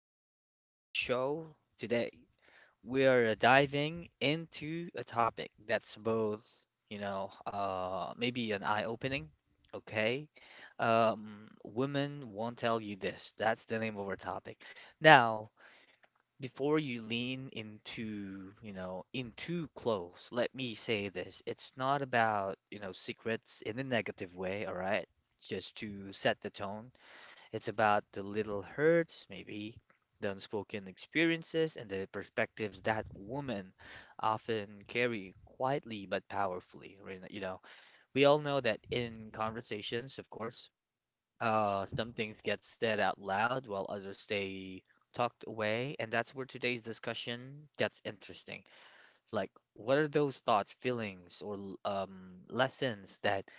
back again to the show. Today, we are diving into a topic that's both, maybe an eye-opening, okay? Women won't tell you this. That's the name of our topic. Now, before you lean into, in too close, let me say this. It's not about, secrets in a negative way, all right? Just to set the tone. It's about the little hurts, maybe the unspoken experiences, and the perspectives that women often carry quietly but powerfully. Right? You know, we all know that in conversations, of course, some things get said out loud while others stay tucked away, and that's where today's discussion gets interesting. Like, what are those thoughts, feelings, or lessons that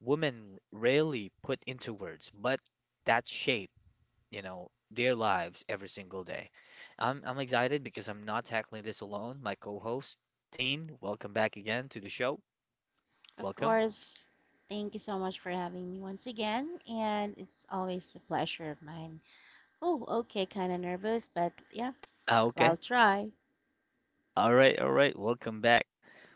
women rarely put into words, but that shape their lives every single day. I'm excited because I'm not tackling this alone. My co-host, Thane, welcome back again to the show. Of Welcome. course, thank you so much for having me once again, and it's always a pleasure of mine. Oh, okay, kind of nervous, but yeah, Ah, okay. I'll try. All right, all right. Welcome back.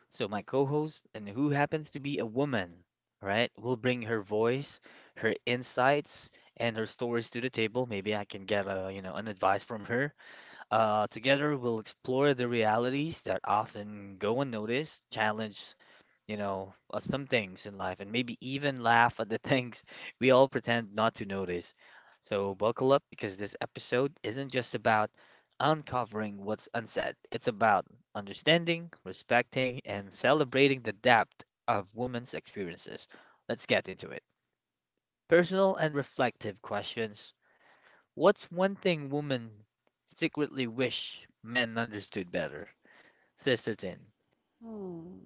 So my co-host, and who happens to be a woman, right? Will bring her voice, her insights, and her stories to the table. Maybe I can get a, an advice from her. Together we'll explore the realities that often go unnoticed, challenge some things in life and maybe even laugh at the things we all pretend not to notice. So, buckle up because this episode isn't just about uncovering what's unsaid, it's about understanding, respecting, and celebrating the depth of women's experiences. Let's get into it. Personal and reflective questions. What's one thing women secretly wish men understood better? Sister Tin. Hmm.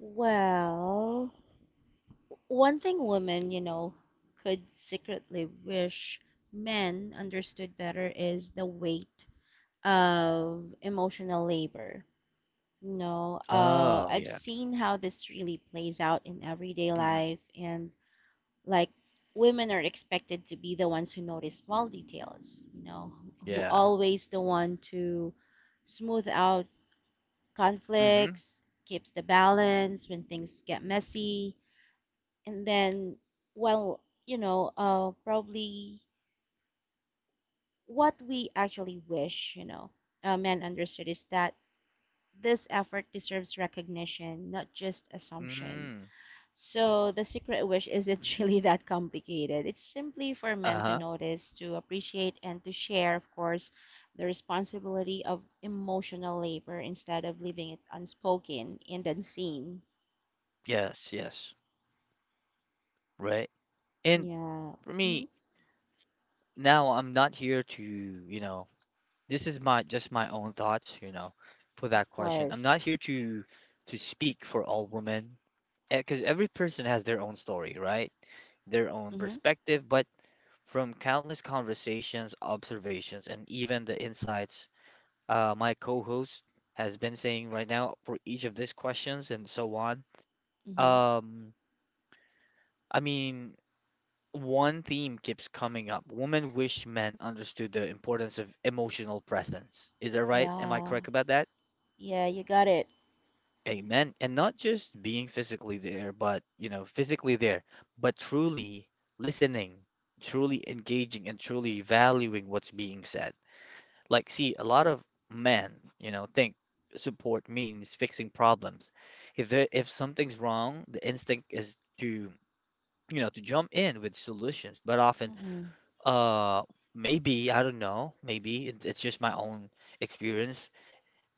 Well, one thing women, you know, could secretly wish men understood better is the weight of emotional labor. Oh, I've yeah. seen how this really plays out in everyday Hmm. life, and like women are expected to be the ones who notice small details, you know, who Yeah. always the one to smooth out conflicts, keeps the balance when things get messy. And then, well, you know, probably what we actually wish, you know, men understood is that this effort deserves recognition, not just assumption. Mm. So the secret wish isn't really that complicated. It's simply for men to Uh-huh. notice, to appreciate, and to share, of course, the responsibility of emotional labor instead of leaving it unspoken and unseen. Yes, yes. Right. And Yeah. for me, hmm now I'm not here to, you know, this is my just my own thoughts, you know, for that of question. I'm course. not here to speak for all women because every person has their own story, right? Their own hmm perspective, but from countless conversations, observations, and even the insights my co-host has been saying right now for each of these questions and so on. hmm Um, I mean, one theme keeps coming up. Women wish men understood the importance of emotional presence. Is that right? Am I Yeah, correct about that? yeah, you got it. Amen. And not just being physically there, but, you know, physically there, but truly listening, truly engaging, and truly valuing what's being said. Like, see, a lot of men, you know, think support means fixing problems. If something's wrong, the instinct is to, you know, to jump in with solutions, but often Mm-mm. Uh, maybe, I don't know. It's just my own experience.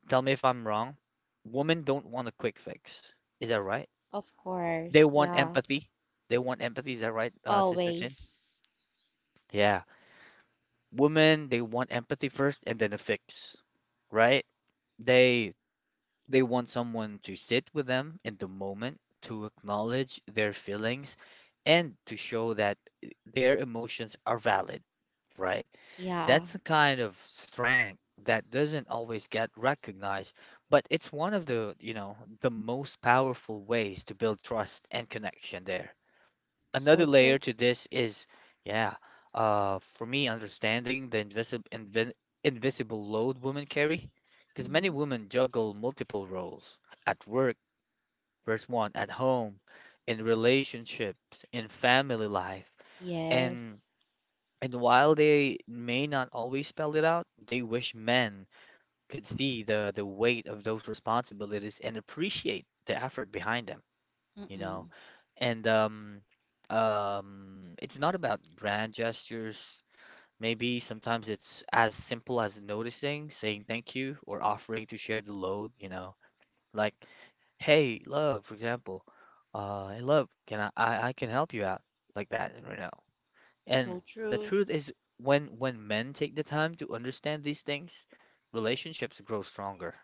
Tell me if I'm wrong. Women don't want a quick fix. Is that right? Of They course, want yeah, empathy. They want empathy. Is that right, Sister Chin? always. Yeah. Women, they want empathy first and then a fix, right? They They want someone to sit with them in the moment, to acknowledge their feelings, and to show that their emotions are valid, right? Yeah, That's a kind of strength that doesn't always get recognized, but it's one of the, you know, the most powerful ways to build trust and connection there another so layer true. to this is, yeah, for me, understanding the invisible load women carry, because many hmm women juggle multiple roles at work, first one at home, in relationships, in family life, and Yes. While they may not always spell it out, they wish men could see the weight of those responsibilities and appreciate the effort behind them, you know. Mm-mm. And it's not about grand gestures. Maybe sometimes it's as simple as noticing, saying thank you, or offering to share the load, you know, like, hey, love, for example, hey, love, I can help you out, like that, you know. So And the true. truth is, when men take the time to understand these things, relationships grow stronger.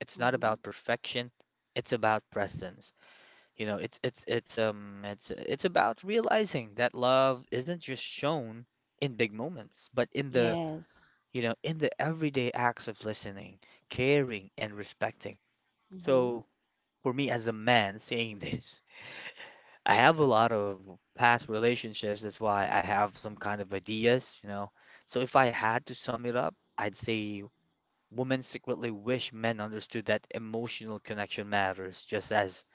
It's not Mhm. about perfection, it's about presence. You know, it's about realizing that love isn't just shown in big moments, but in the, Yes. you know, in the everyday acts of listening, caring, and respecting. Mm-hmm. So for me as a man saying this, I have a lot of past relationships, that's why I have some kind of ideas, you know. So if I had to sum it up, I'd say women secretly wish men understood that emotional connection matters just as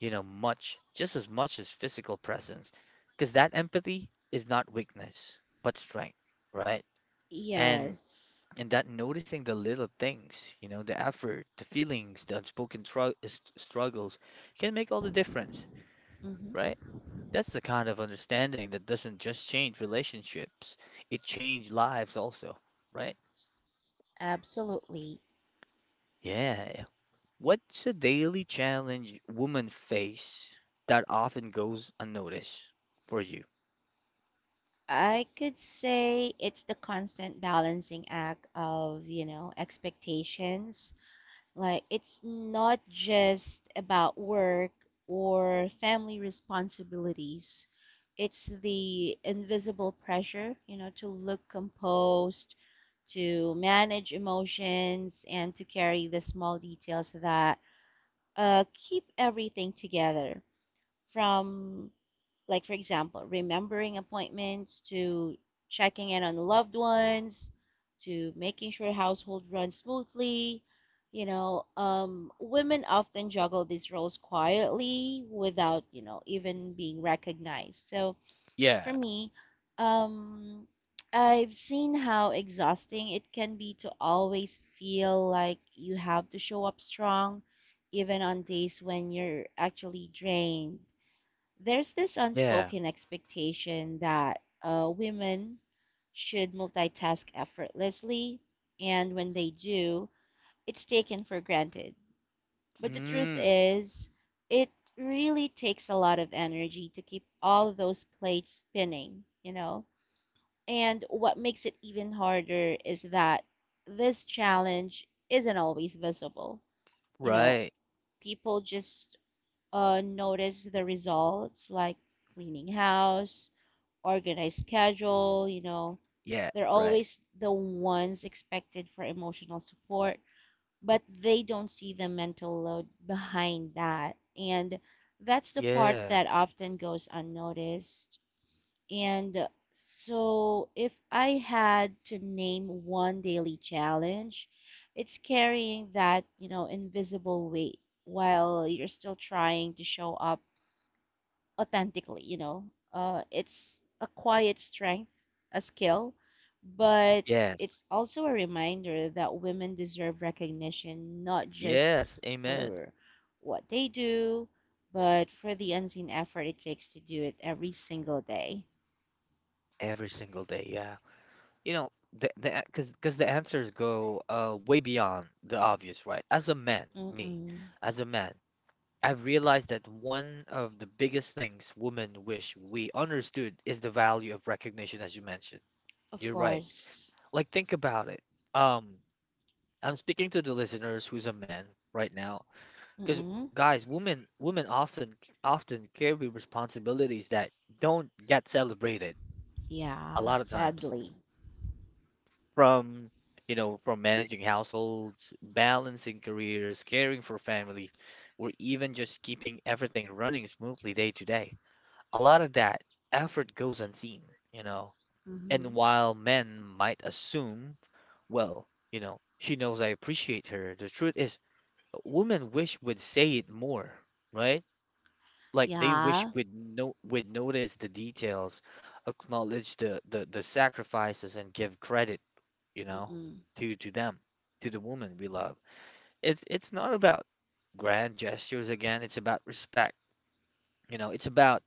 you know, much, just as much as physical presence, because that empathy is not weakness, but strength, right? And Yes. That noticing the little things, you know, the effort, the feelings, the unspoken struggles can make all the difference, Mm-hmm. right? That's the kind of understanding that doesn't just change relationships, it changes lives also, right? Absolutely. Yeah. What's a daily challenge women face that often goes unnoticed for you? I could say it's the constant balancing act of, you know, expectations. Like, it's not just about work or family responsibilities. It's the invisible pressure, you know, to look composed, to manage emotions, and to carry the small details that keep everything together, from like for example remembering appointments, to checking in on loved ones, to making sure household runs smoothly, you know. Women often juggle these roles quietly without, you know, even being recognized. So Yeah. for me, um, I've seen how exhausting it can be to always feel like you have to show up strong, even on days when you're actually drained. There's this Yeah. unspoken expectation that women should multitask effortlessly, and when they do, it's taken for granted. But the truth Mm. is, it really takes a lot of energy to keep all those plates spinning, you know? And what makes it even harder is that this challenge isn't always visible. You know, Right. people just notice the results, like cleaning house, organized schedule, you know. Yeah, They're right. always the ones expected for emotional support, but they don't see the mental load behind that. And that's the part Yeah. that often goes unnoticed. And so, if I had to name one daily challenge, it's carrying that, you know, invisible weight while you're still trying to show up authentically, you know. It's a quiet strength, a skill, but Yes. it's also a reminder that women deserve recognition not Yes, just amen. for what they do, but for the unseen effort it takes to do it every single day. Every single day. Yeah. You know, the because the answers go way beyond the obvious, right? As a man, me, Mm-mm. as a man, I've realized that one of the biggest things women wish we understood is the value of recognition, as you mentioned. Of You're right. course. Like, think about it. Um, I'm speaking to the listeners who's a man right now. Because Mm-mm. guys, women often carry responsibilities that don't get celebrated a Yeah, lot of times. sadly. From you know, from managing households, balancing careers, caring for family, or even just keeping everything running smoothly day to day. A lot of that effort goes unseen, you know. Mm-hmm. And while men might assume, well, you know, she knows I appreciate her, the truth is women wish would say it more, right? Like they wish Yeah. we'd no would notice the details, acknowledge the sacrifices and give credit, you know, Mm-mm. To them, to the woman we love. It's not about grand gestures again, it's about respect. You know, it's about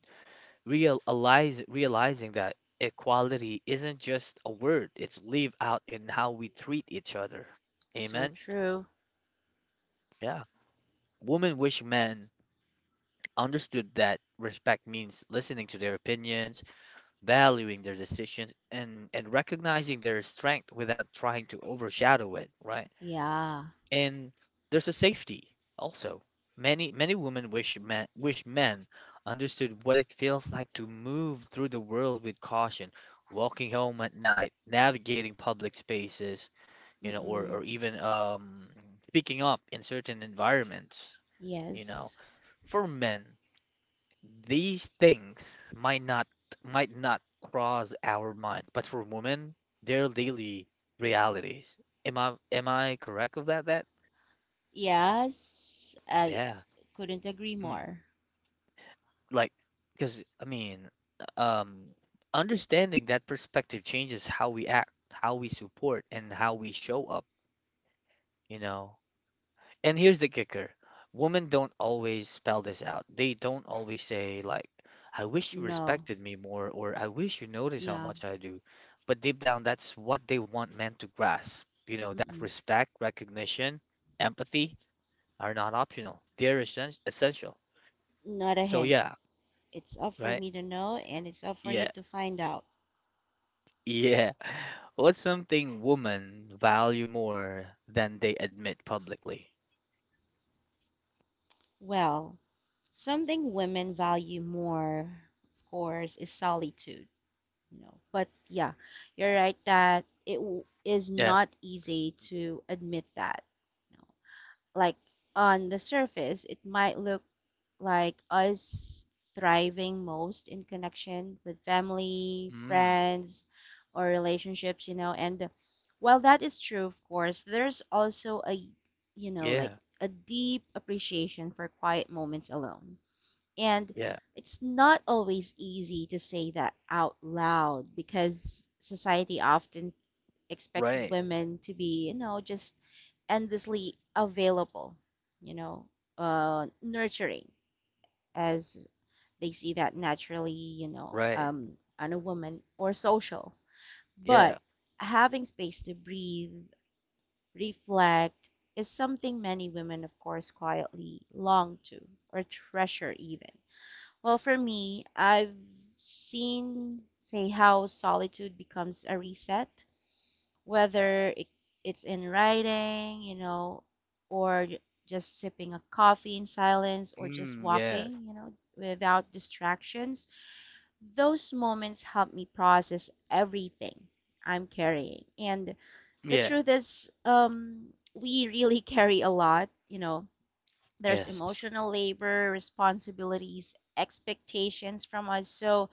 realize realizing that equality isn't just a word, it's live out in how we treat each other. So Amen. true. Yeah. Women wish men understood that respect means listening to their opinions, valuing their decisions and recognizing their strength without trying to overshadow it, right? Yeah. And there's a safety also. Many women wish men understood what it feels like to move through the world with caution, walking home at night, navigating public spaces, you know, Mm-mm. or even speaking up in certain environments, you know. Yes. For men, these things might not might not cross our minds, but for women, they're daily realities. Am I correct about that? Yes, I Yeah. couldn't agree Mm. more. Like, because I mean, um, understanding that perspective changes how we act, how we support, and how we show up, you know. And here's the kicker. Women don't always spell this out. They don't always say like, I wish you No. respected me more or I wish you noticed how Yeah. much I do. But deep down, that's what they want men to grasp. You know, that Mm-mm. respect, recognition, empathy are not optional. They're essential. Not a So hint. yeah, It's up for right? me to know and it's up for you Yeah. to find out. Yeah. What's something women value more than they admit publicly? Well, something women value more, of course, is solitude, you know. But yeah, you're right that it is Yeah. not easy to admit that. You know, like on the surface, it might look like us thriving most in connection with family, Mm. friends, or relationships, you know. And while that is true, of course, there's also a, you know, like Yeah. a deep appreciation for quiet moments alone, and Yeah. it's not always easy to say that out loud because society often expects Right. women to be, you know, just endlessly available, you know, nurturing, as they see that naturally, you know, Right. On a woman or social. Yeah. But having space to breathe, reflect, is something many women, of course, quietly long to or treasure even. Well, for me, I've seen, say, how solitude becomes a reset, whether it's in writing, you know, or just sipping a coffee in silence, or just Mm, yeah, walking, you know, without distractions. Those moments help me process everything I'm carrying. And the yeah, truth is, we really carry a lot, you know, there's yes, emotional labor, responsibilities, expectations from us. So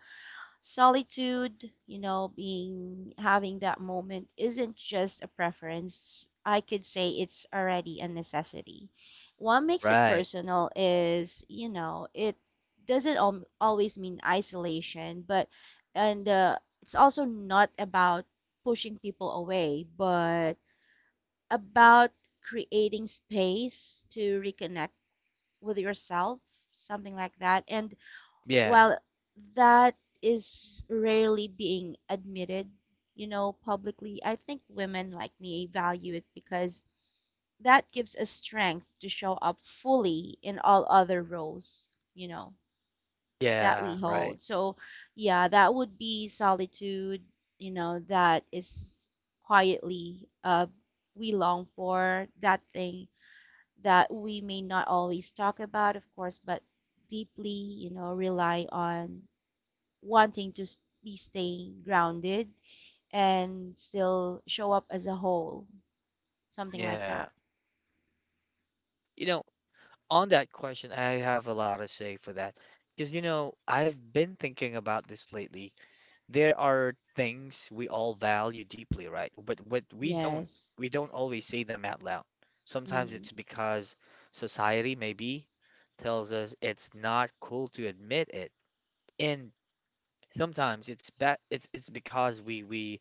solitude, you know, being having that moment isn't just a preference. I could say it's already a necessity. What makes it right. personal is, you know, it doesn't al- always mean isolation, but and it's also not about pushing people away, but about creating space to reconnect with yourself, something like that. And Yeah, while that is rarely being admitted, you know, publicly, I think women like me value it because that gives us strength to show up fully in all other roles, you know, that yeah, we right. hold. So, yeah, that would be solitude, you know, that is quietly, we long for, that thing that we may not always talk about, of course, but deeply, you know, rely on, wanting to be staying grounded and still show up as a whole, something like Yeah. that. You know, on that question, I have a lot to say for that. Because, you know, I've been thinking about this lately. There are things we all value deeply, right? But we don't Yes. Always say them out loud. Sometimes Mm-hmm. it's because society maybe tells us it's not cool to admit it. And sometimes it's be it's because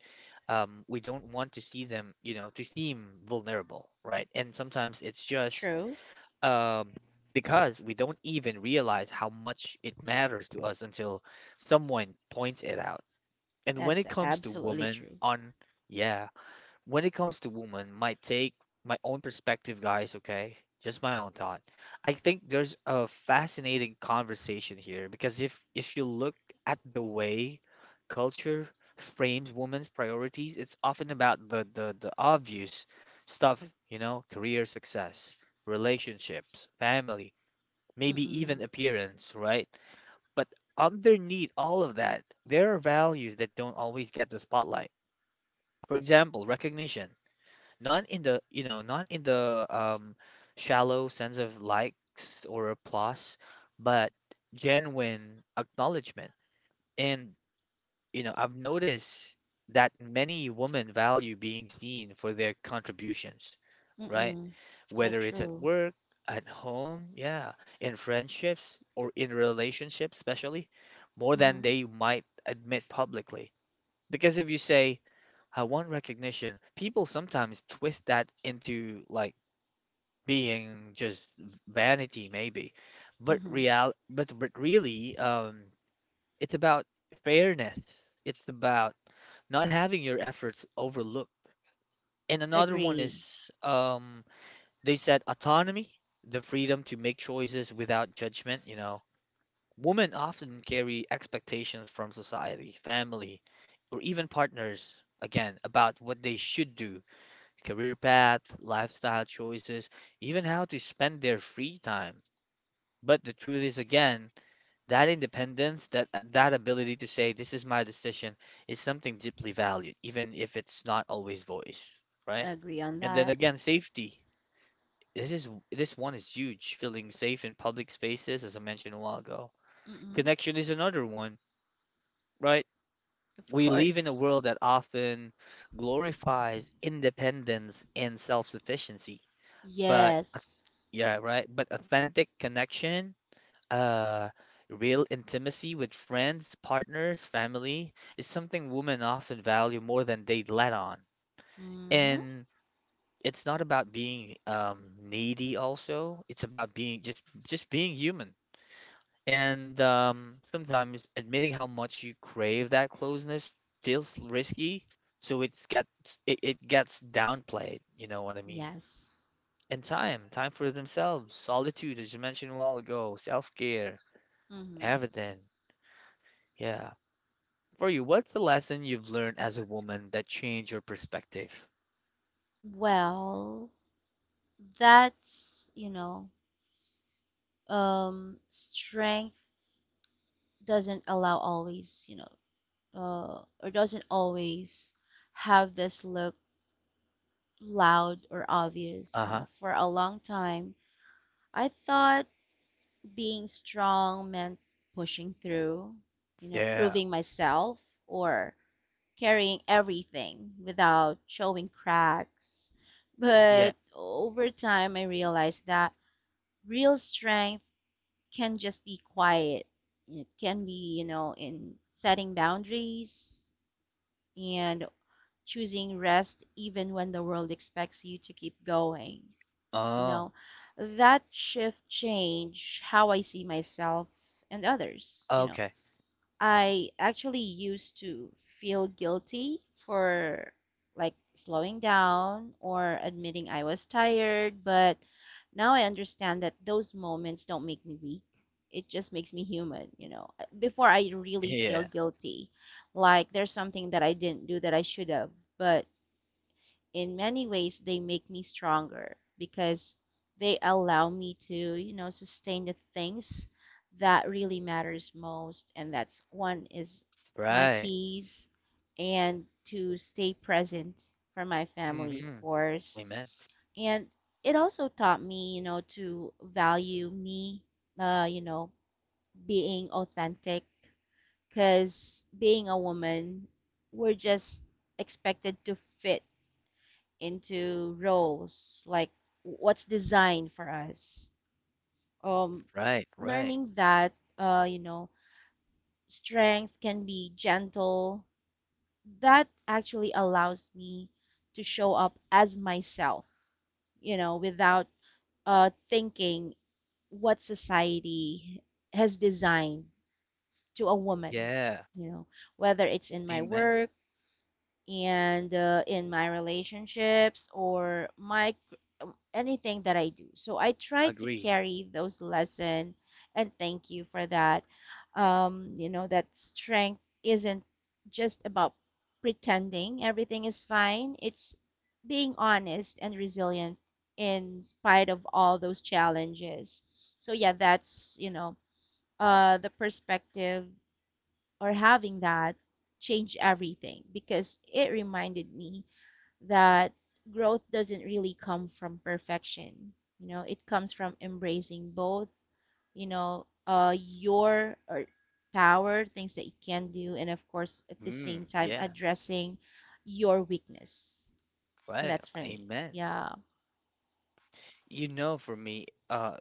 we don't want to see them, you know, to seem vulnerable, right? And sometimes it's just True. um because we don't even realize how much it matters to us until someone points it out. And when That's it comes to absolutely women true. on, yeah when it comes to women, my take, my own perspective, guys, okay? Just my own thought. I think there's a fascinating conversation here because if you look at the way culture frames women's priorities, it's often about the obvious stuff, you know, career success, relationships, family, maybe even Mm-mm. appearance, right? But underneath all of that, there are values that don't always get the spotlight. For example, recognition not in the you know not in the shallow sense of likes or applause but genuine acknowledgement and you know I've noticed that many women value being seen for their contributions, right? Mm-mm. So Whether it's at true. work at home, yeah, in friendships or in relationships especially more than Mm-hmm. they might admit publicly. Because if you say, I want recognition, people sometimes twist that into like being just vanity, maybe. Mm-hmm. But really, it's about fairness. It's about not having your efforts overlooked. And another one Agree. is, they said autonomy, the freedom to make choices without judgment. You know, women often carry expectations from society, family, or even partners, again, about what they should do, career path, lifestyle choices, even how to spend their free time. But the truth is, again, that independence, that ability to say, this is my decision, is something deeply valued, even if it's not always voiced, right? Agree on And then that. again, safety. This one is huge. Feeling safe in public spaces, as I mentioned a while ago. Mm-mm. Connection is another one, right? Of We live in a course. world that often glorifies independence and self-sufficiency, but as- Yes. yeah, right? But authentic connection, uh, real intimacy with friends, partners, family is something women often value more than they let on. Mm-hmm. And it's not about being needy also. It's about being just being human. And sometimes admitting how much you crave that closeness feels risky, so it gets downplayed, you know what I mean? Yes. And time for themselves, solitude, as you mentioned a while ago, self-care, Mm-hmm. everything. Yeah. For you, what's the lesson you've learned as a woman that changed your perspective? Well, that's, you know, strength doesn't allow always, you know, or doesn't always have this look loud or obvious. You Uh-huh. know, for a long time, I thought being strong meant pushing through, you know, Yeah. proving myself or carrying everything without showing cracks. Yeah. But over time, I realized that real strength can just be quiet. It can be, you know, in setting boundaries and choosing rest even when the world expects you to keep going. You Oh. know, that shift change how I see myself and others, you know. Okay. I actually used to feel guilty for like slowing down or admitting I was tired, but now I understand that those moments don't make me weak. It just makes me human, you know. Before I really feel Yeah. guilty, like there's something that I didn't do that I should have, but in many ways they make me stronger because they allow me to, you know, sustain the things that really matters most, and that's one is my Right. peace, and to stay present for my family, Mm-hmm. of course. Amen. And it also taught me, you know, to value me, you know, being authentic, because being a woman, we're just expected to fit into roles like what's designed for us. um Right, right. Learning that, you know, strength can be gentle, that actually allows me to show up as myself, you know, without thinking what society has designed to a woman, Yeah. you know, whether it's in my Amen. work and in my relationships or my anything that I do. So I try to Agree. carry those lessons. And thank you for that. You know, that strength isn't just about pretending everything is fine. It's being honest and resilient in spite of all those challenges. So yeah, that's, you know, the perspective or having that change everything because it reminded me that growth doesn't really come from perfection. You know, it comes from embracing both, you know, your or power, things that you can do, and of course, at the same Mm, time, yeah, addressing your weakness. So right. that's for me. Amen. Yeah. You know, for me,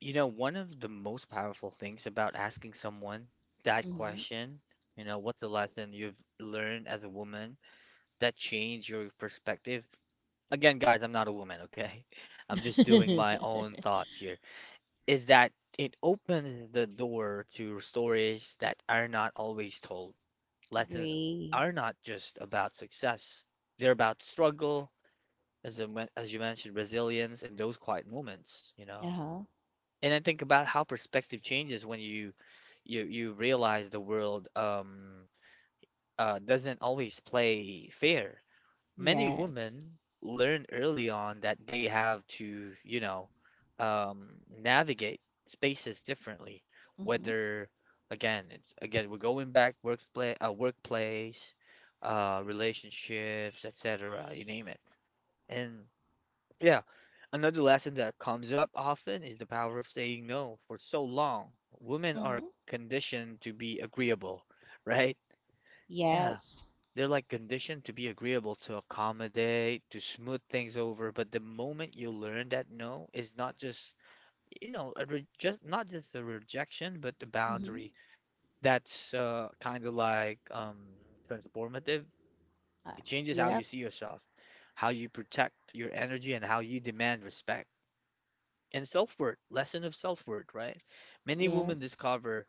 you know, one of the most powerful things about asking someone that hmm question, you know, what's the lesson you've learned as a woman that changed your perspective? Again, guys, I'm not a woman, okay? I'm just doing my own thoughts here. Is that it opens the door to stories that are not always told. Lessons Agree. are not just about success. They're about struggle, as you mentioned, resilience in those quiet moments, you Uh know. huh. And I think about how perspective changes when you realize the world doesn't always play fair. Many Yes. women learn early on that they have to, you know, um navigate spaces differently, Mm-hmm. whether, again, it's, again, we're going back workplace, relationships, etc., you name it. And yeah. Another lesson that comes up often is the power of saying no for so long. Women are Mm-hmm. conditioned to be agreeable, right? Yeah. Yes. They're like conditioned to be agreeable, to accommodate, to smooth things over. But the moment you learn that no is not just, you know, a re just not just a rejection, but a Mm-hmm. boundary. That's kind of like, transformative. Uh, It changes how you yep. see yourself, how you protect your energy, and how you demand respect. And self-worth, lesson of self-worth, right? Many women Yes. discover,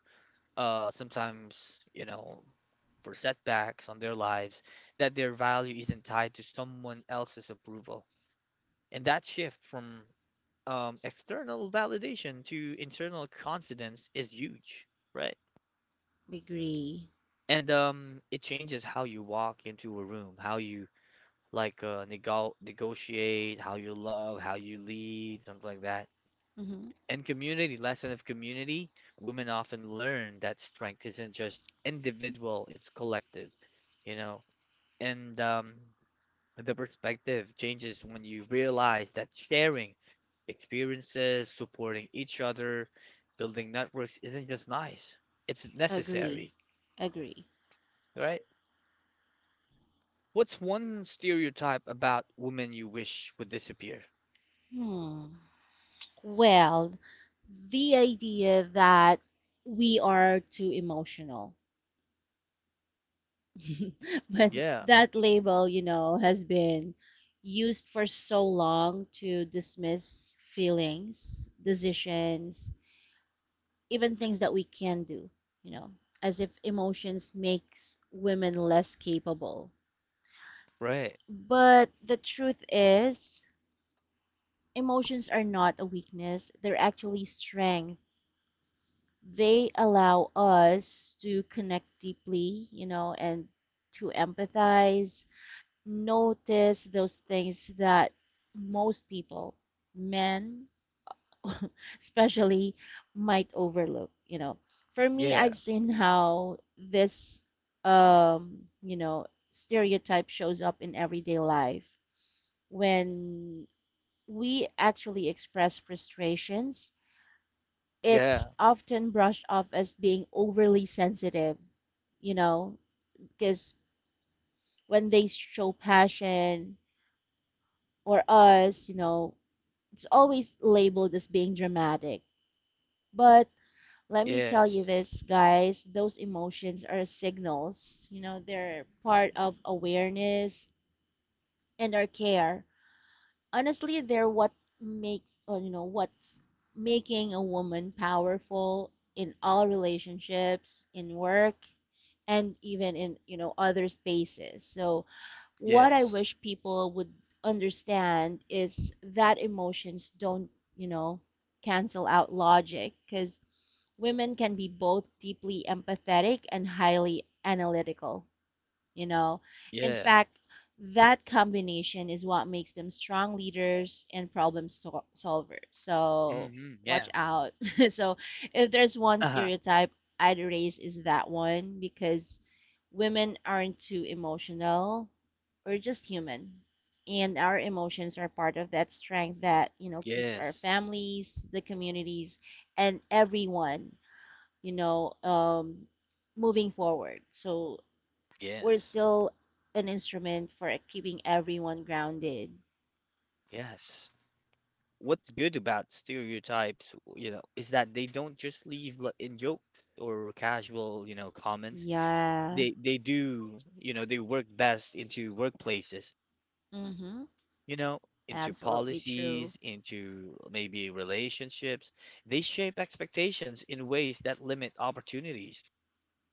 sometimes, you know, for setbacks on their lives, that their value isn't tied to someone else's approval. And that shift from external validation to internal confidence is huge, right? Agree. And it changes how you walk into a room, how you like negotiate, how you love, how you lead, something like that. hmm In community, lesson of community, women often learn that strength isn't just individual, it's collective, you know. And the perspective changes when you realize that sharing experiences, supporting each other, building networks isn't just nice, it's Agree. necessary, Agree. right? What's one stereotype about women you wish would disappear? Hmm. Well, the idea that we are too emotional. But Yeah, that label, you know, has been used for so long to dismiss feelings, decisions, even things that we can do, you know, as if emotions makes women less capable. right. But the truth is, emotions are not a weakness, they're actually strength. They allow us to connect deeply, you know, and to empathize, notice those things that most people, men especially, might overlook, you know. For me, Yeah, I've seen how this, you know, stereotype shows up in everyday life, when we actually express frustrations, it's yeah, often brushed off as being overly sensitive, you know, because when they show passion or us, you know, it's always labeled as being dramatic. But let me tell you yes, this, guys, those emotions are signals, you know, they're part of awareness and our care. Honestly, they're what makes or you know, what's making a woman powerful in all relationships, in work, and even in, you know, other spaces. So what I yes, wish people would understand is that emotions don't, you know, cancel out logic, because women can be both deeply empathetic and highly analytical, you know. In yeah. fact, that combination is what makes them strong leaders and solvers. So Hmm, yeah. watch out. So if there's one Uh-huh. stereotype I'd erase is that one, because women aren't too emotional, we're just human, and our emotions are part of that strength that, you know, keeps our Yes. families, the communities, and everyone, you know, moving forward. So we're Yes. still an instrument for keeping everyone grounded. Yes. What's good about stereotypes, you know, is that they don't just leave in jokes or casual, you know, comments. Yeah. They do, you know, they work best into workplaces, Mm-hmm. you know, into Absolutely true. policies, into maybe relationships. They shape expectations in ways that limit opportunities.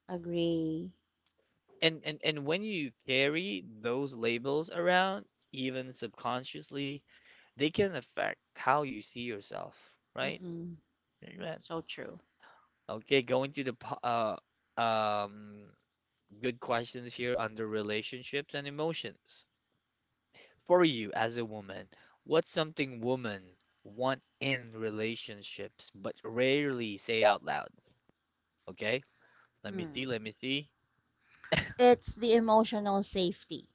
Agree. And when you carry those labels around, even subconsciously, they can affect how you see yourself, right? Mm-mm. Amen. So true. Okay, going to the uh, um, good questions here under relationships and emotions. For you as a woman, what's something women want in relationships but rarely say out loud? Okay, let me see, Hmm. let me see. It's the emotional safety.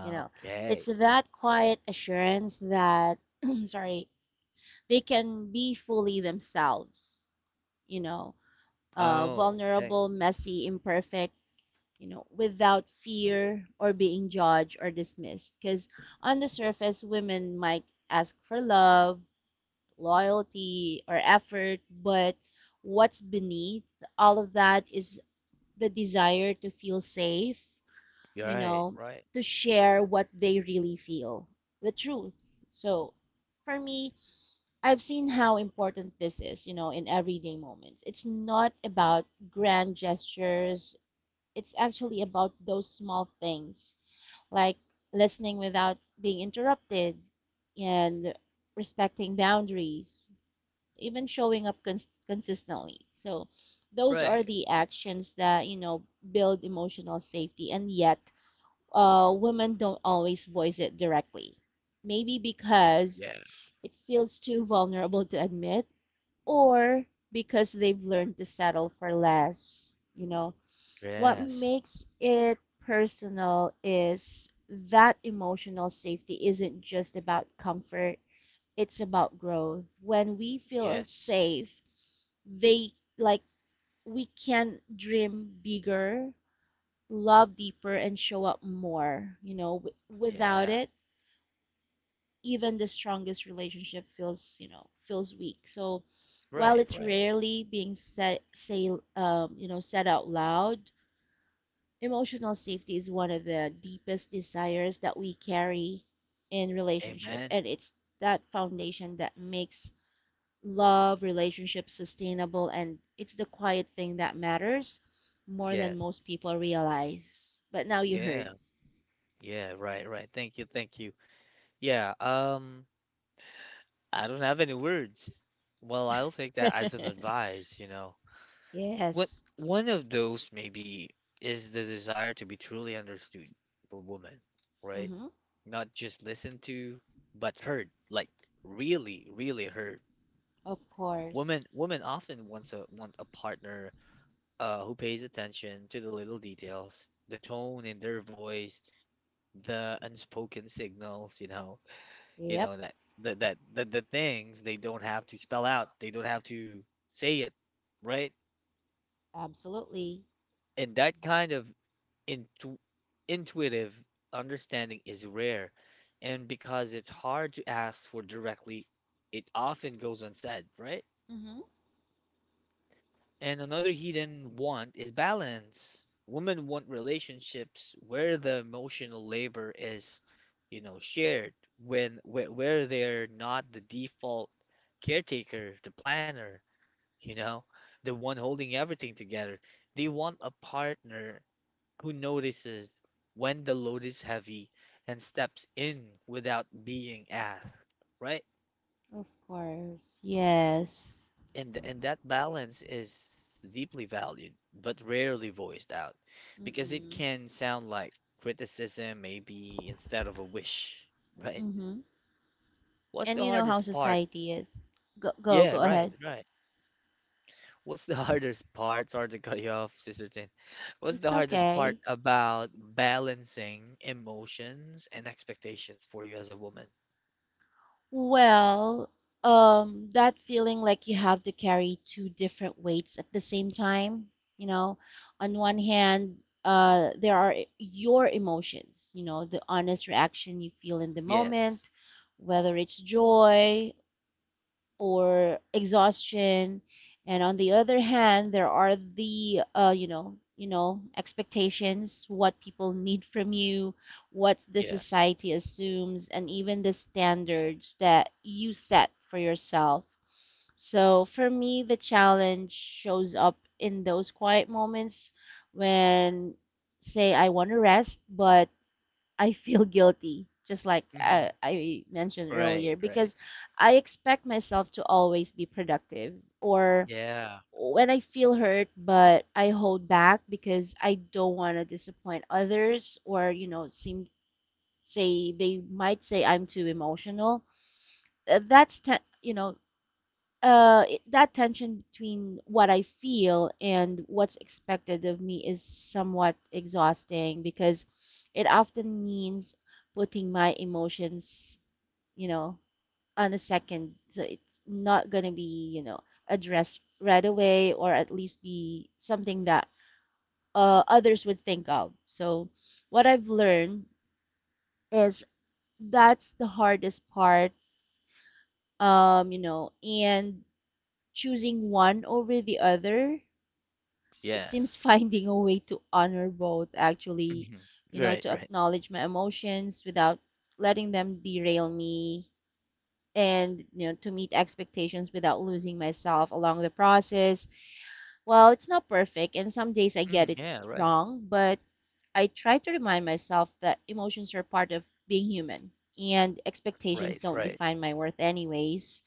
You know, it's that quiet assurance that, sorry, they can be fully themselves. You know, Oh, okay. vulnerable, messy, imperfect, you know, without fear or being judged or dismissed. Because on the surface, women might ask for love, loyalty, or effort, but what's beneath all of that is the desire to feel safe, You're you right. know, Right. to share what they really feel, the truth. So for me, I've seen how important this is, in everyday moments. It's not about grand gestures, it's actually about those small things like listening without being interrupted and respecting boundaries, even showing up consistently. So those are Right. the actions that, build emotional safety, and yet women don't always voice it directly. Maybe Yeah. because Yeah. it feels too vulnerable to admit, or because they've learned to settle for less. What Yes, makes it personal is that emotional safety isn't just about comfort, it's about growth. When we feel yes, safe, they like we can dream bigger, love deeper, and show up more. Without yeah. it, even the strongest relationship feels weak. So while Right. it's Right. rarely being said, say, you know, said out loud, emotional safety is one of the deepest desires that we carry in relationship, Amen. and it's that foundation that makes love relationships sustainable, and it's the quiet thing that matters more than Yes. most people realize. But now you heard. Yeah. Yeah. Right. Right. Thank you. Thank you. Yeah. I don't have any words. Well, I'll take that as an advice, you know. What, Yes. one of those maybe, is the desire to be truly understood for women, right? Hmm. Not just listened to, but heard. Like really, really heard. Of course. Women often want a partner who pays attention to the little details, the tone in their voice, the unspoken signals, you know you Yep. know that the things they don't have to spell out, they don't have to say it, right? Absolutely. And that kind of intu- intuitive understanding is rare, and because it's hard to ask for directly, it often goes unsaid, right? Hmm. And another hidden want is balance. Women want relationships where the emotional labor is, you know, shared, where they're not the default caretaker, the planner, you know, the one holding everything together. They want a partner who notices when the load is heavy and steps in without being asked, right? Of course. Yes. And that balance is deeply valued but rarely voiced out, because it Mm-mm. can sound like criticism, maybe, instead of a wish, right? Hmm. what's the And you know how hardest part society is. Go, go, Yeah, go right, ahead. right. What's the hardest part, sorry to cut you off, sister Tin. What's the It's hardest part okay. about balancing emotions and expectations for you as a woman? Well, that feeling like you have to carry two different weights at the same time, you know, on one hand, there are your emotions, the honest reaction you feel in the Yes. moment, whether it's joy or exhaustion. And on the other hand, there are the expectations, what people need from you, what the Yes. society assumes, and even the standards that you set for yourself. So for me, the challenge shows up in those quiet moments when, say, I want to rest, but I feel guilty, just like I, Mhm. I mentioned earlier, Right, because right. I expect myself to always be productive. Or Yeah. when I feel hurt, but I hold back because I don't want to disappoint others, or seem say they might say I'm too emotional. That's te- you know it, that tension between what I feel and what's expected of me is somewhat exhausting, because it often means putting my emotions, you know, on a second. So it's not going to be, addressed right away, or at least be something that others would think of. So what I've learned is, that's the hardest part, and choosing one over the other, it seems, Yes. finding a way to honor both, actually, Mhm. Right, to right. acknowledge my emotions without letting them derail me, and to meet expectations without losing myself along the process. Well, it's not perfect, and some days I get Mm, it yeah, right, wrong, but I try to remind myself that emotions are part of being human, and expectations right, don't right. define my worth anyways.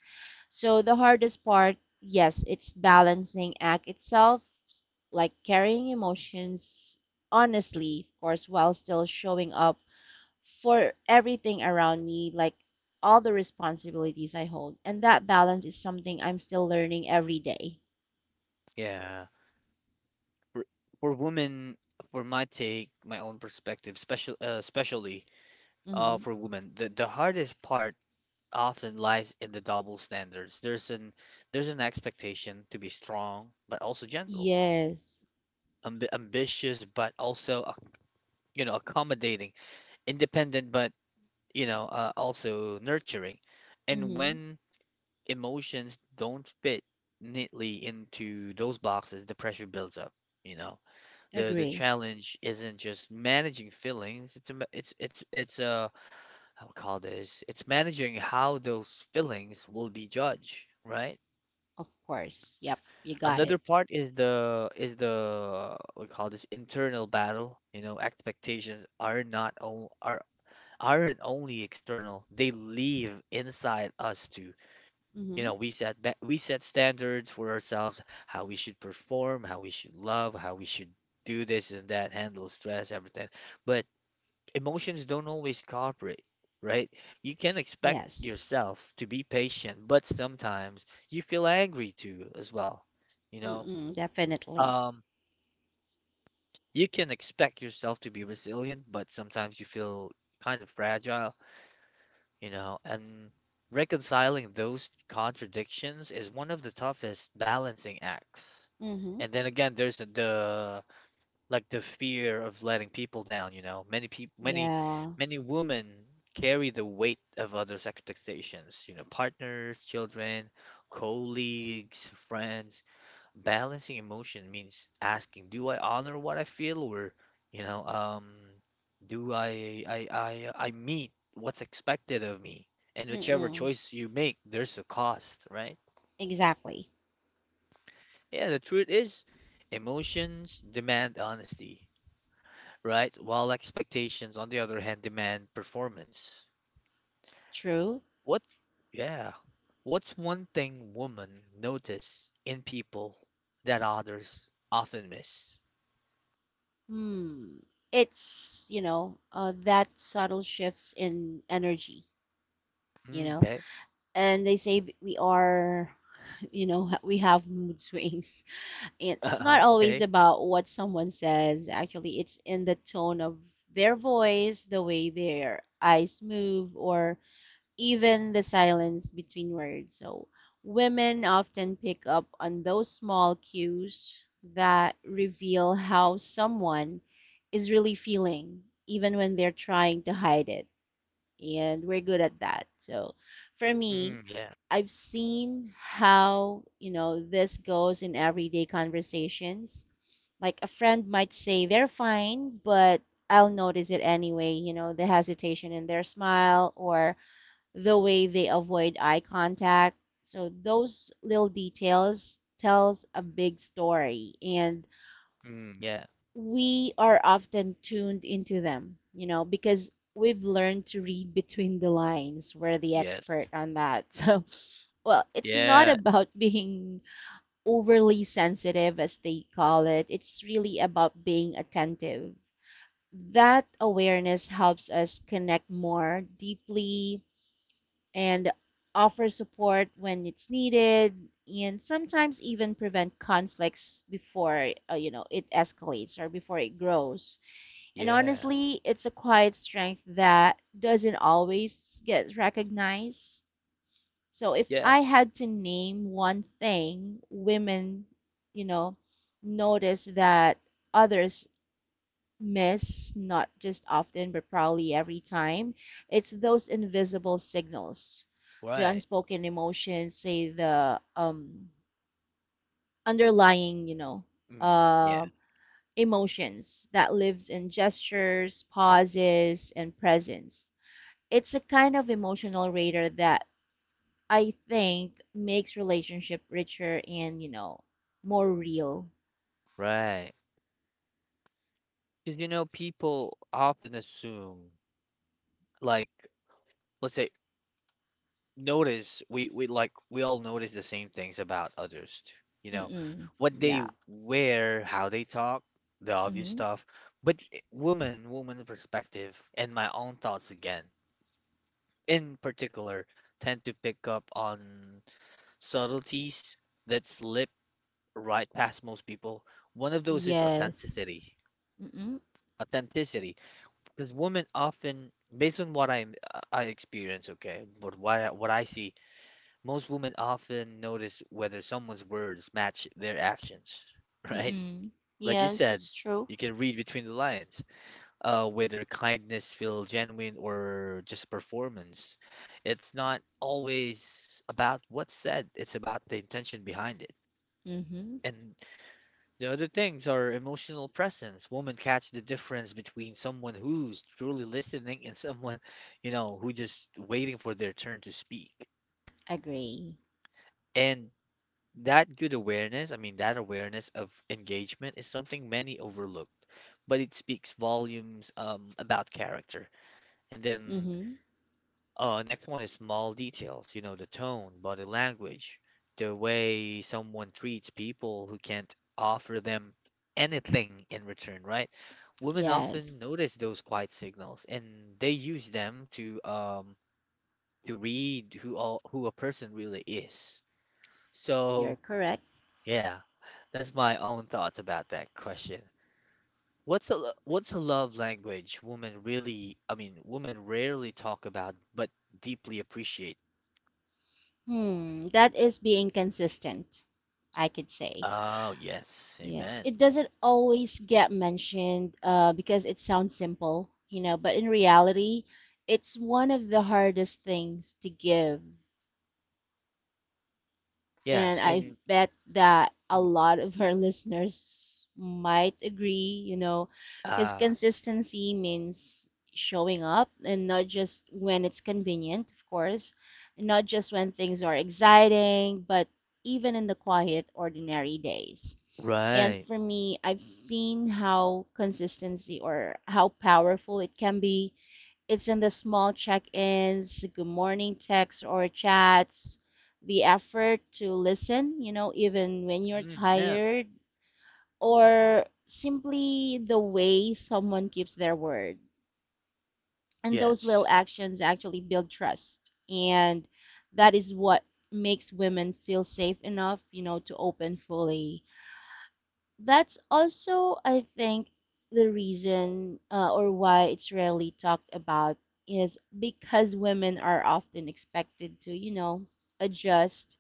So the hardest part, yes, it's balancing act itself, like carrying emotions honestly, of course, while still showing up for everything around me, like all the responsibilities I hold. And that balance is something I'm still learning every day. Yeah, for, for women, for my take, my own perspective, especially, Mm-hmm. for women, the hardest part often lies in the double standards. There's an expectation to be strong but also gentle, Yes. Ambitious but also you know, accommodating, independent but, you know, also nurturing, and Mm-hmm. when emotions don't fit neatly into those boxes, the pressure builds up. You know, the Agree. challenge isn't just managing feelings. It's a ma- it's I would call this, it's managing how those feelings will be judged, right? Of course. Yep. You got it. Another part is the we call this internal battle. You know, expectations are aren't only external; they live inside us too. You Mm-hmm. know, we set standards for ourselves, how we should perform, how we should love, how we should do this and that, handle stress, everything. But emotions don't always cooperate, right? You can expect Yes. yourself to be patient, but sometimes you feel angry too as well. You know, Mm-mm. Definitely. um, you can expect yourself to be resilient, but sometimes you feel kind of fragile, you know. And reconciling those contradictions is one of the toughest balancing acts. Mm-hmm. And then again, there's the fear of letting people down, you know. Many people, many, Yeah. many women carry the weight of others' expectations, you know, partners, children, colleagues, friends. Balancing emotion means asking, do I honor what I feel, or, you know, do I meet what's expected of me? And whichever Mm-mm. choice you make, there's a cost, right? Exactly. Yeah, the truth is, emotions demand honesty, right? While expectations, on the other hand, demand performance. True. What? Yeah. What's one thing women notice in people that others often miss? Hmm. That subtle shifts in energy, Mm, you know. okay. And they say we have mood swings. And it's not Okay. always about what someone says, actually, it's in the tone of their voice, the way their eyes move, or even the silence between words. So, women often pick up on those small cues that reveal how someone is really feeling, even when they're trying to hide it. And we're good at that. So, for me, Mm, yeah. I've seen how, this goes in everyday conversations. Like a friend might say they're fine, but I'll notice it anyway, the hesitation in their smile or the way they avoid eye contact. So those little details tells a big story, and Mm, yeah. we are often tuned into them, because we've learned to read between the lines. We're the Yes. expert on that. So, well, it's not Yeah. about being overly sensitive, as they call it. It's really about being attentive. That awareness helps us connect more deeply, and offer support when it's needed, and sometimes even prevent conflicts before, it escalates, or before it grows. And Yeah. honestly, it's a quiet strength that doesn't always get recognized. So if I Yes. had to name one thing women, you know notice that others miss, not just often but probably every time, it's those invisible signals, the Right. unspoken emotions, say, the underlying, Mm, yeah. uh emotions that lives in gestures, pauses, and presence. It's a kind of emotional radar that I think makes relationship richer, and, more real. Right. Because, you know, people often assume, like, let's say, notice we all notice the same things about others too. You know, Mm-mm. what they Yeah. wear, how they talk, the obvious Mm-hmm. stuff. But woman perspective, and my own thoughts again, in particular, tend to pick up on subtleties that slip right past most people. One of those is Yes. authenticity. Mm-mm. Authenticity, because women often, based on what I experience, okay, but what I see, most women often notice whether someone's words match their actions, right? Mm-mm. Like you Yes, said, it's true. you can read between the lines, whether kindness feels genuine or just performance. It's not always about what's said; it's about the intention behind it. Mm-hmm. And the other things are emotional presence. Women catch the difference between someone who's truly listening and someone, you know, who just waiting for their turn to speak. Agree. And that good awareness, I mean, that awareness of engagement is something many overlook, but it speaks volumes about character. And then Mm-hmm. Next one is small details, you know, the tone, body language, the way someone treats people who can't offer them anything in return, right? Women often Yes, notice those quiet signals, and they use them to read who a person really is. you're So, correct. yeah, that's my own thoughts about that question. What's a love language women really, I mean, women rarely talk about but deeply appreciate? Hmm, that is being consistent, I could say. Oh, yes. Yes, Amen. it doesn't always get mentioned, because it sounds simple, but in reality, it's one of the hardest things to give. And Yes, I and bet that a mm, lot of our listeners might agree, because ah, consistency means showing up, and not just when it's convenient, of course, and not just when things are exciting, but even in the quiet, ordinary days. And right. for me, I've seen how consistency, or how powerful it can be, it's in the small check ins, good morning texts or chats, the effort to listen, even when you're Mm, yeah. tired, or simply the way someone keeps their word. And those little Yes. actions actually build trust. And that is what makes women feel safe enough, to open fully. That's also, I think, the reason, or why it's rarely talked about, is because women are often expected to, adjust,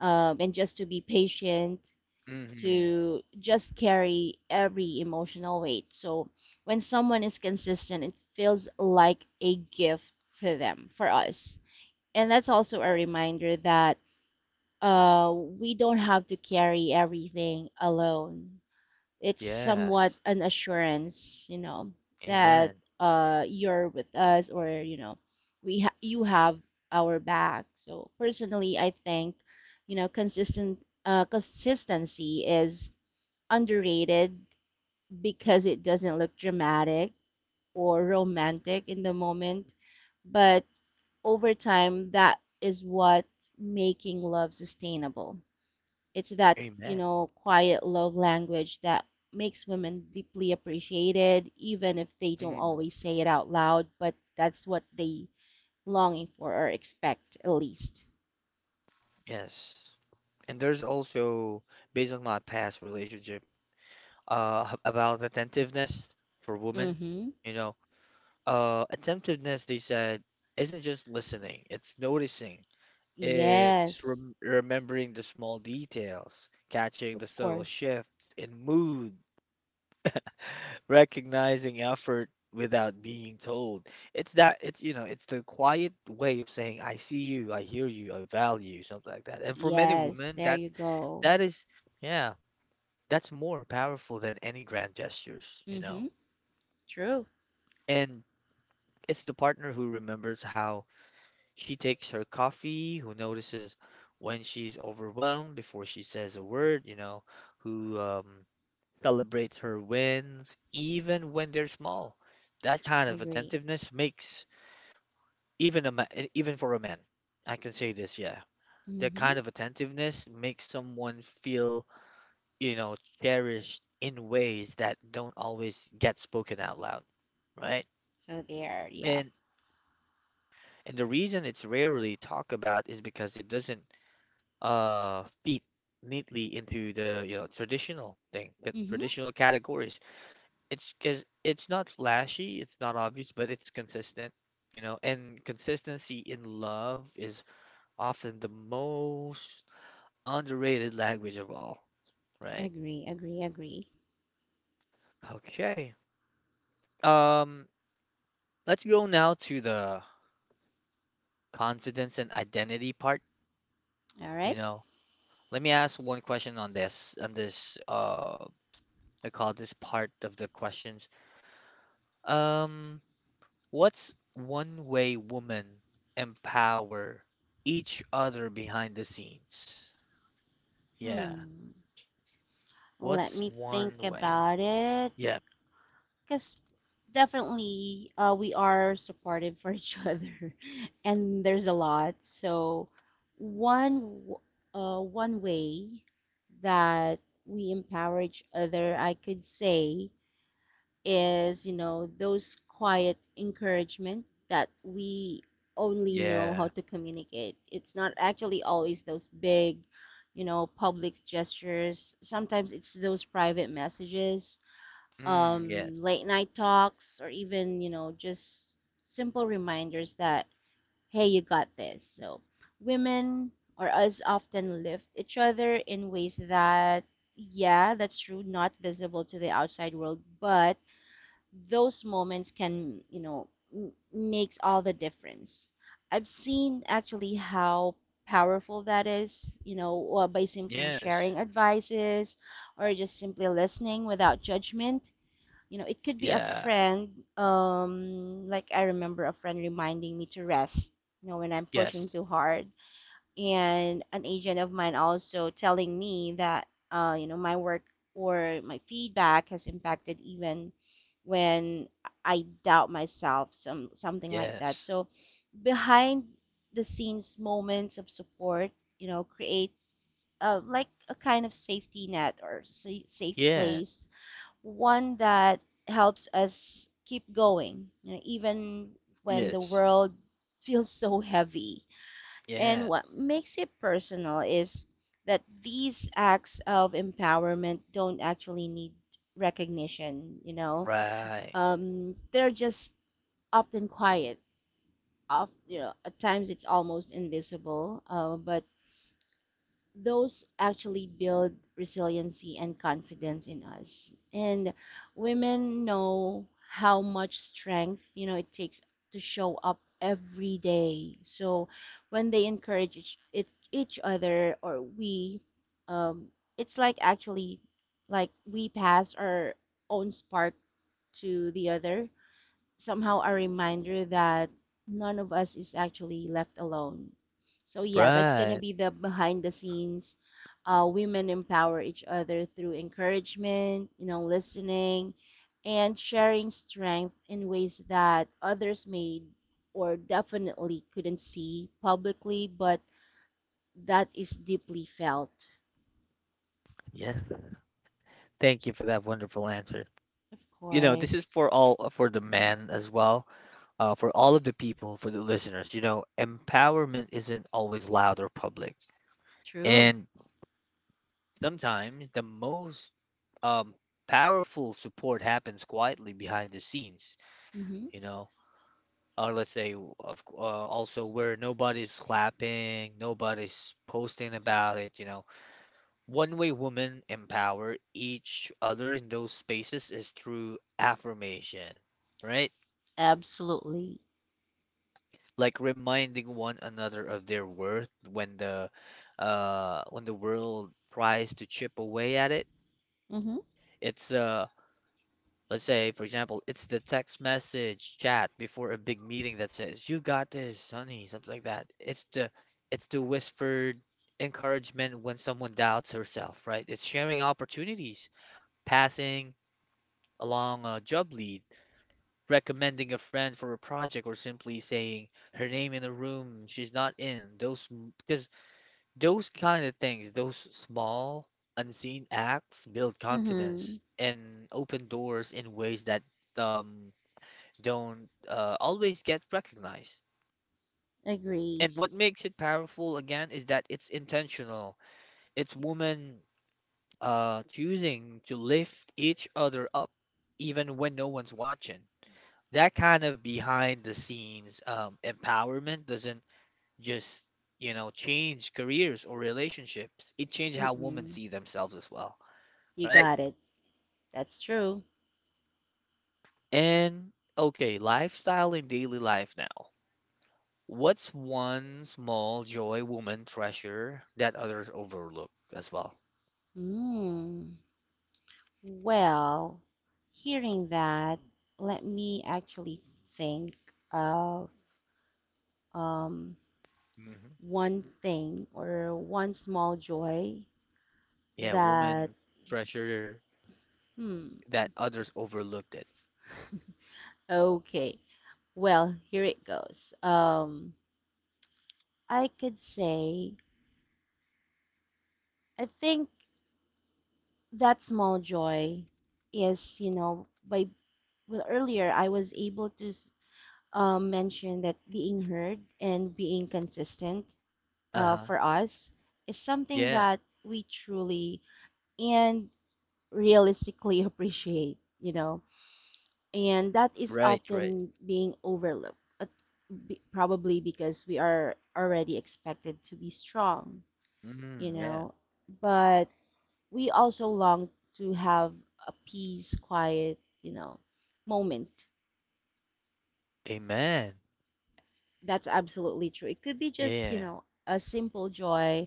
and just to be patient, Mm-hmm. to just carry every emotional weight. So when someone is consistent, it feels like a gift for them, for us. And that's also a reminder that, we don't have to carry everything alone, it's somewhat Yes. an assurance, that Amen. You're with us, or you have our back. So personally, I think, consistent consistency is underrated because it doesn't look dramatic or romantic in the moment, but over time, that is what's making love sustainable. It's that, Amen. Quiet love language, that makes women deeply appreciated, even if they don't Mm, always say it out loud, but that's what they longing for, or expect at least. yes. And there's also, based on my past relationship, about attentiveness for women. Mm-hmm. You know, attentiveness, they said, isn't just listening, it's noticing, it's Yes. Remembering the small details, catching Of the subtle course. shifts in mood, recognizing effort without being told. It's that it's you know, It's the quiet way of saying I see you, I hear you, I value you, something like that. And for many Yes, women there that you go. that is yeah, that's more powerful than any grand gestures, you Mm-hmm. know. True. And it's the partner who remembers how she takes her coffee, who notices when she's overwhelmed before she says a word, you know, who celebrates her wins even when they're small. That kind of Agree. attentiveness makes even for a man I can say this, yeah, that Mm-hmm. kind of attentiveness makes someone feel, you know, cherished in ways that don't always get spoken out loud, right? So there, yeah. And and the reason it's rarely talked about is because it doesn't fit neatly into the you know traditional thing the Mm-hmm. traditional categories. It's because it's not flashy, it's not obvious, but it's consistent, you know. And consistency in love is often the most underrated language of all, right? Agree, agree, agree. Okay. Um, let's go now to the confidence and identity part, All you right. know. Let me ask one question on this I call this part of the questions. Um, what's one way women empower each other behind the scenes? Yeah. Hmm, let What's me one think way? about it. Yeah. Because definitely, we are supportive for each other, and there's a lot. So one w- one way that we empower each other, I could say, is, those quiet encouragement that we only know how Yeah. to communicate. It's not actually always those big, public gestures. Sometimes it's those private messages, Mm, yes. late night talks, or even, just simple reminders that, hey, you got this. So, women or us often lift each other in ways that, yeah, that's true, not visible to the outside world, but those moments can, makes all the difference. I've seen actually how powerful that is, by simply Yes. sharing advices, or just simply listening without judgment, it could be a Yeah. friend, like I remember a friend reminding me to rest, when I'm pushing Yes. too hard, and an agent of mine also telling me that, my work or my feedback has impacted, even when I doubt myself, something like that. Yes. So behind the scenes moments of support, create, like a kind of safety net or safe Yeah. place, one that helps us keep going, even when the Yes. world feels so heavy. Yeah. And what makes it personal is that these acts of empowerment don't actually need recognition. Right. They're just often quiet. Off, at times it's almost invisible, but those actually build resiliency and confidence in us. And women know how much strength, it takes to show up every day. So when they encourage each other, um, it's like actually like we pass our own spark to the other, somehow a reminder that none of us is actually left alone. So yeah, that's gonna Right. be the behind the scenes. Women empower each other through encouragement, listening, and sharing strength in ways that others may or definitely couldn't see publicly, but that is deeply felt. Yes. Thank you for that wonderful answer. Of You know, this is course. for all for the men as well. For all of the people, for the listeners, you know, empowerment isn't always loud or public. True. And sometimes the most um, powerful support happens quietly behind the scenes, Mhm. you know, or let's say of, also where nobody's clapping, nobody's posting about it, you know. One way women empower each other in those spaces is through affirmation, right? Absolutely. Like reminding one another of their worth when the world tries to chip away at it. Mhm. It's let's say for example, it's the text message chat before a big meeting that says, "You got this, honey," something like that. It's the whispered encouragement when someone doubts herself, right? It's sharing opportunities, passing along a job lead, recommending a friend for a project, or simply saying her name in a room she's not in. Those because those kind of things, those small unseen acts build Mm-hmm. confidence and open doors in ways that um don't always get recognized. Agree. And what makes it powerful again is that it's intentional. It's women choosing to lift each other up even when no one's watching. That kind of behind the scenes empowerment doesn't just, you know, change careers or relationships, it changes how women Mm-mm. see themselves as well, You right? got it. That's true. And okay, lifestyle and daily life now. What's one small joy women treasure that others overlook as well? Hmm. Well, hearing that, let me actually think of um, Hmm. one thing or one small joy Yeah, that, women treasure hmm, that others overlooked it. okay. Well, here it goes. I could say, I think that small joy is, you know, by, well, earlier I was able to mentioned that being heard and being consistent Uh-huh. for us is something Yeah. that we truly and realistically appreciate, you know, and that is Right, right. often being overlooked, probably because we are already expected to be strong, you Mm, yeah. know, but we also long to have a peace, quiet, you know, moment. Amen. That's absolutely true. It could be just, you Yeah. know, a simple joy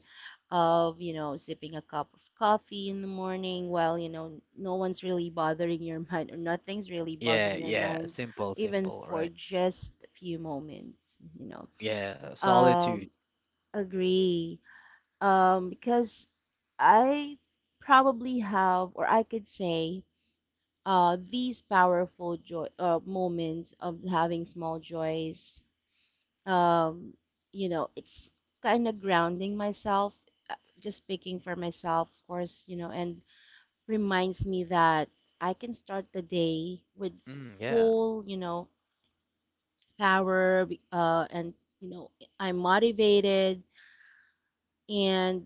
of, you know, sipping a cup of coffee in the morning while, you know, no one's really bothering your mind or nothing's really Yeah, bugging your yeah. mind, Simple, even simple, for right? just a few moments, you know. Yeah, solitude. Um, Agree. Because I probably have, or I could say, these powerful joy moments of having small joys um, you know, it's kind of grounding myself, uh, just speaking for myself, of course, you know, and reminds me that I can start the day with Mm, yeah. full, you know, power, and, you know, I'm motivated and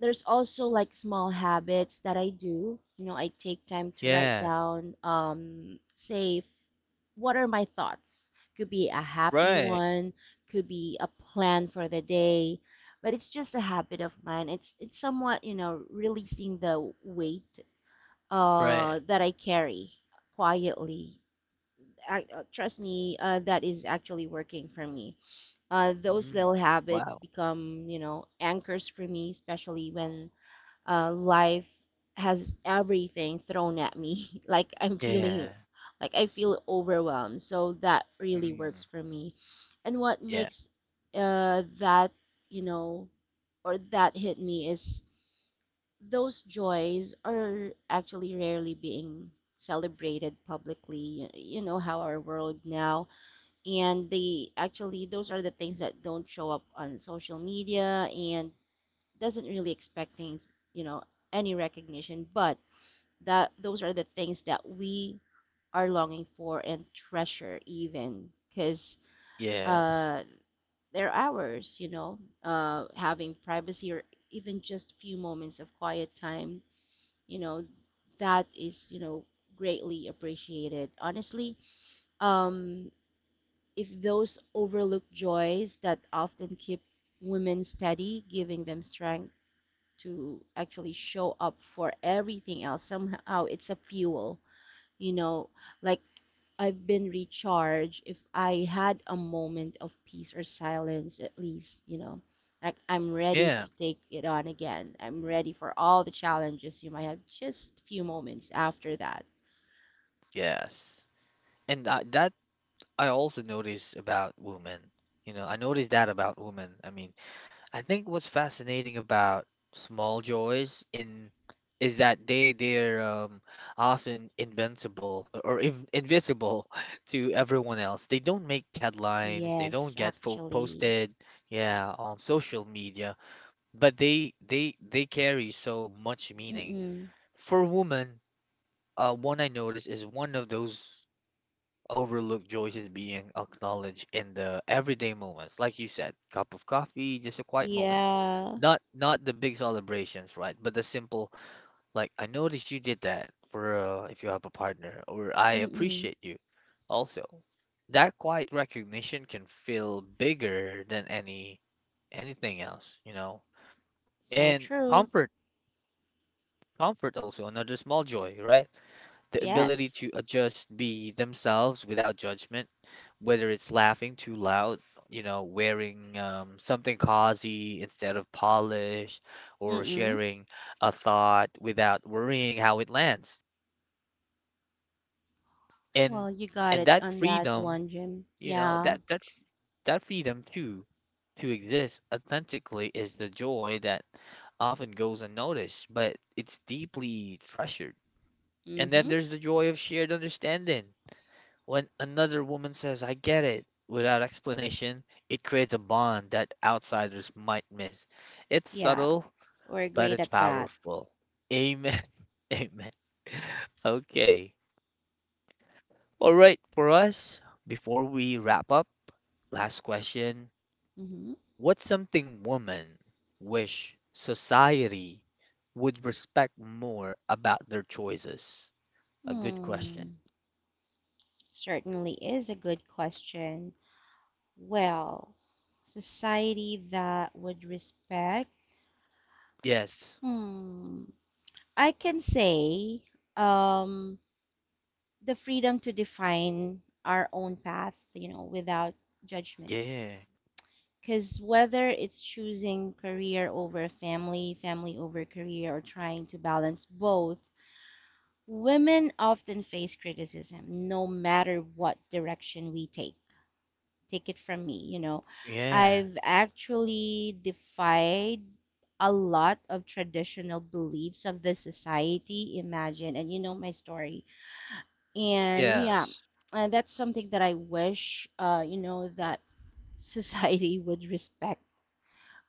there's also like small habits that I do. You know, I take time to write Yeah. down, say, what are my thoughts? Could be a happy Right. one, could be a plan for the day, but it's just a habit of mine. It's somewhat, you know, releasing the weight Right. That I carry quietly. Trust me, that is actually working for me, those little Mm. habits Wow. become, you know, anchors for me, especially when life has everything thrown at me. Like I'm feeling, Yeah. like I feel overwhelmed. So that really works Mm. for me. And what Yeah. makes that, you know, or that hit me is those joys are actually rarely being celebrated publicly. You know how our world now and they actually those are the things that don't show up on social media and doesn't really expect things, you know, any recognition, but that those are the things that we are longing for and treasure even because Yes. uh, they're ours, you know, having privacy or even just few moments of quiet time, you know, that is, you know, greatly appreciated. Honestly, um, if those overlooked joys that often keep women steady, giving them strength to actually show up for everything else. Somehow it's a fuel, you know, like I've been recharged if I had a moment of peace or silence at least, you know. Like I'm ready to Yeah. take it on again. I'm ready for all the challenges you might have just a few moments after that. Yes. And I, that I also notice about women. You know, I noticed that about women. I mean, I think what's fascinating about small joys in is that they're often invincible or invisible to everyone else. They don't make headlines. They Yes, don't get fo actually. posted, yeah, on social media. But they carry so much meaning. Mm-mm. For women, one I noticed is one of those overlooked joys is being acknowledged in the everyday moments, like you said, cup of coffee, just a quiet moment. Yeah. Not the big celebrations, right? But the simple, like I noticed you did that for if you have a partner, or I Mm-mm. appreciate you. Also, that quiet recognition can feel bigger than anything else, you know. So And true. Comfort also another small joy, right? The ability Yes. to adjust, be themselves without judgment, whether it's laughing too loud, you know, wearing something cozy instead of polished, or Mm-mm. sharing a thought without worrying how it lands. And Well, you got and it that on that freedom, one, Jim. you know, Yeah. That freedom too to exist authentically is the joy that often goes unnoticed, but it's deeply treasured. And then Mm-hmm. there's the joy of shared understanding. When another woman says, I get it, without explanation, it creates a bond that outsiders might miss. It's Yeah. subtle, We're but great it's at that. powerful. Amen. Amen. Okay. All right, for us, before we wrap up, last question. Mm-hmm. What's something women wish society would respect more about their choices? A good question. Hmm. Certainly is a good question. Well, society that would respect. Yes. Hmm. I can say, um, the freedom to define our own path, you know, without judgment. Yeah. Because whether it's choosing career over family, family over career, or trying to balance both, women often face criticism no matter what direction we take. Take it from me, you know. Yeah. I've actually defied a lot of traditional beliefs of the society, imagine, and you know my story. And yeah, Yes. That's something that I wish, you know, that society would respect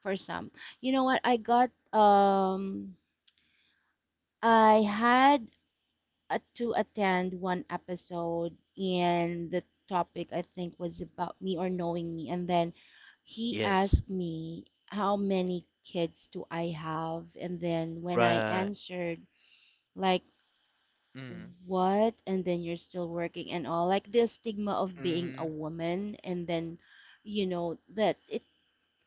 for some. You know what? I had to attend one episode and the topic I think was about me or knowing me, and then he Yes. asked me how many kids do I have, and then when I Right. answered, like, Mm, what? And then you're still working and all, like the stigma of being a mhm, woman, and then you know that it.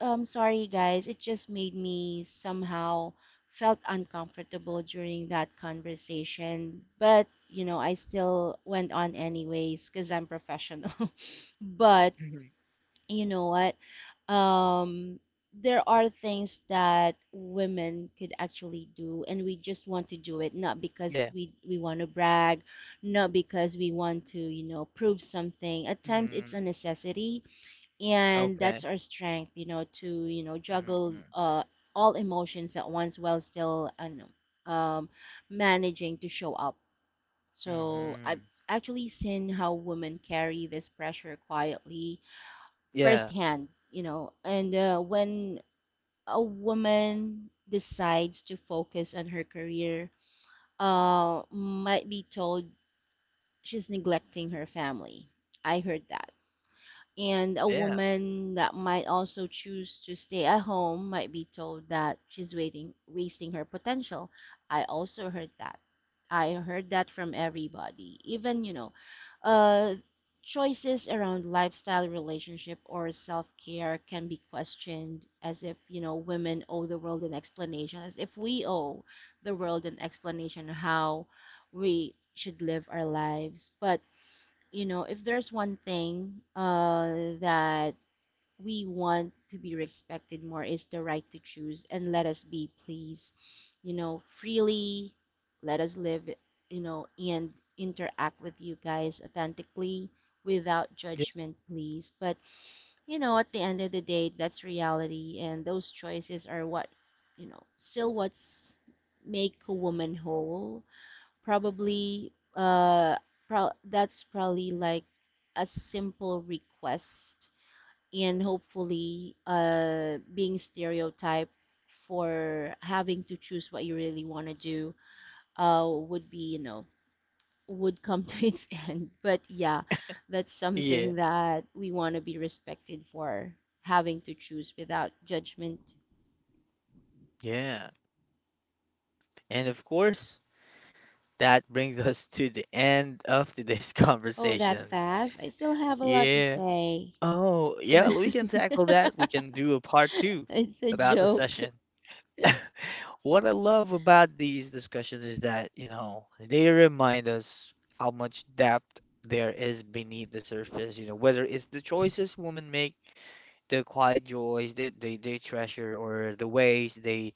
Sorry guys, it just made me somehow felt uncomfortable during that conversation, but you know, I still went on anyways because I'm professional. But mhm, you know what? Um, there are things that women could actually do, and we just want to do it, not because yeah, we want to brag, not because we want to, you know, prove something. At times it's mm, a necessity, and that's okay, our strength, you know, to, you know, mm, juggle mm, all emotions at once while still and um, managing to show up. So I've mhm, actually seen how women carry this pressure quietly yeah. firsthand, you know, and when a woman decides to focus on her career, might be told she's neglecting her family. I heard that. And a Yeah. woman that might also choose to stay at home might be told that she's waiting, wasting her potential. I also heard that. I heard that from everybody, even, you know, uh, choices around lifestyle, relationship, or self care can be questioned as if, you know, women owe the world an explanation, as if we owe the world an explanation how we should live our lives. But you know, if there's one thing that we want to be respected more is the right to choose and let us be, please. You know, freely let us live, you know, and interact with you guys authentically without Yeah. judgment, please. But, you know, at the end of the day, that's reality, and those choices are what, you know, still what's make a woman whole. Probably, that's probably like a simple request, and hopefully, being stereotyped for having to choose what you really want to do, would be, you know, would come to its end. But yeah, that's Yeah. something that we want to be respected for having to choose without judgment. Yeah. And of course, that brings us to the end of today's Oh, that conversation. fast? I still have a lot to Yeah. say. Oh, yeah, we can tackle that. We can do a part two It's a about the joke. session. What I love about these discussions is that, you know, they remind us how much depth there is beneath the surface, you know, whether it's the choices women make, the quiet joys that they treasure, or the ways they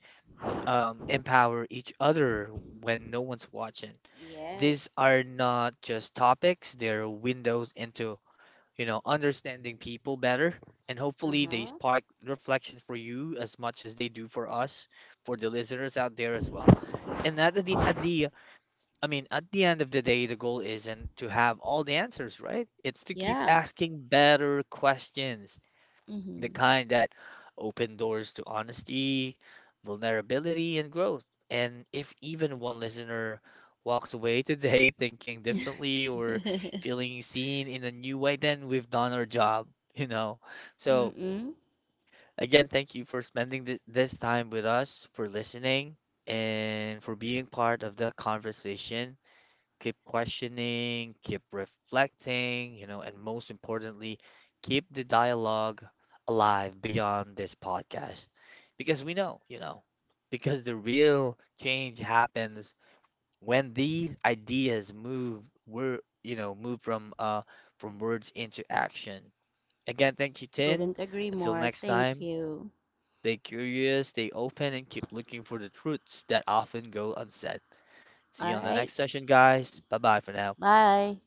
empower each other when no one's watching. These Yes. are not just topics, they're windows into, you know, understanding people better. And hopefully, they Uh-huh. spark reflection for you as much as they do for us, for the listeners out there as well. And at the I mean, at the end of the day, the goal isn't to have all the answers, right? It's to keep Yeah. asking better questions, the Mm-hmm. kind that open doors to honesty, vulnerability, and growth. And if even one listener walks away today thinking differently or feeling seen in a new way, then we've done our job, you know. So, Mm-mm. again, thank you for spending this time with us, for listening, and for being part of the conversation. Keep questioning, keep reflecting, you know, and most importantly, keep the dialogue alive beyond this podcast. Because we know, you know, because the real change happens when these ideas move were you know move from words into action. Again, thank you, Tin. Couldn't agree Until more. next Thank time, you. stay curious, stay open, and keep looking for the truths that often go unsaid. See you All on the next right. session, guys. Bye bye for now. Bye.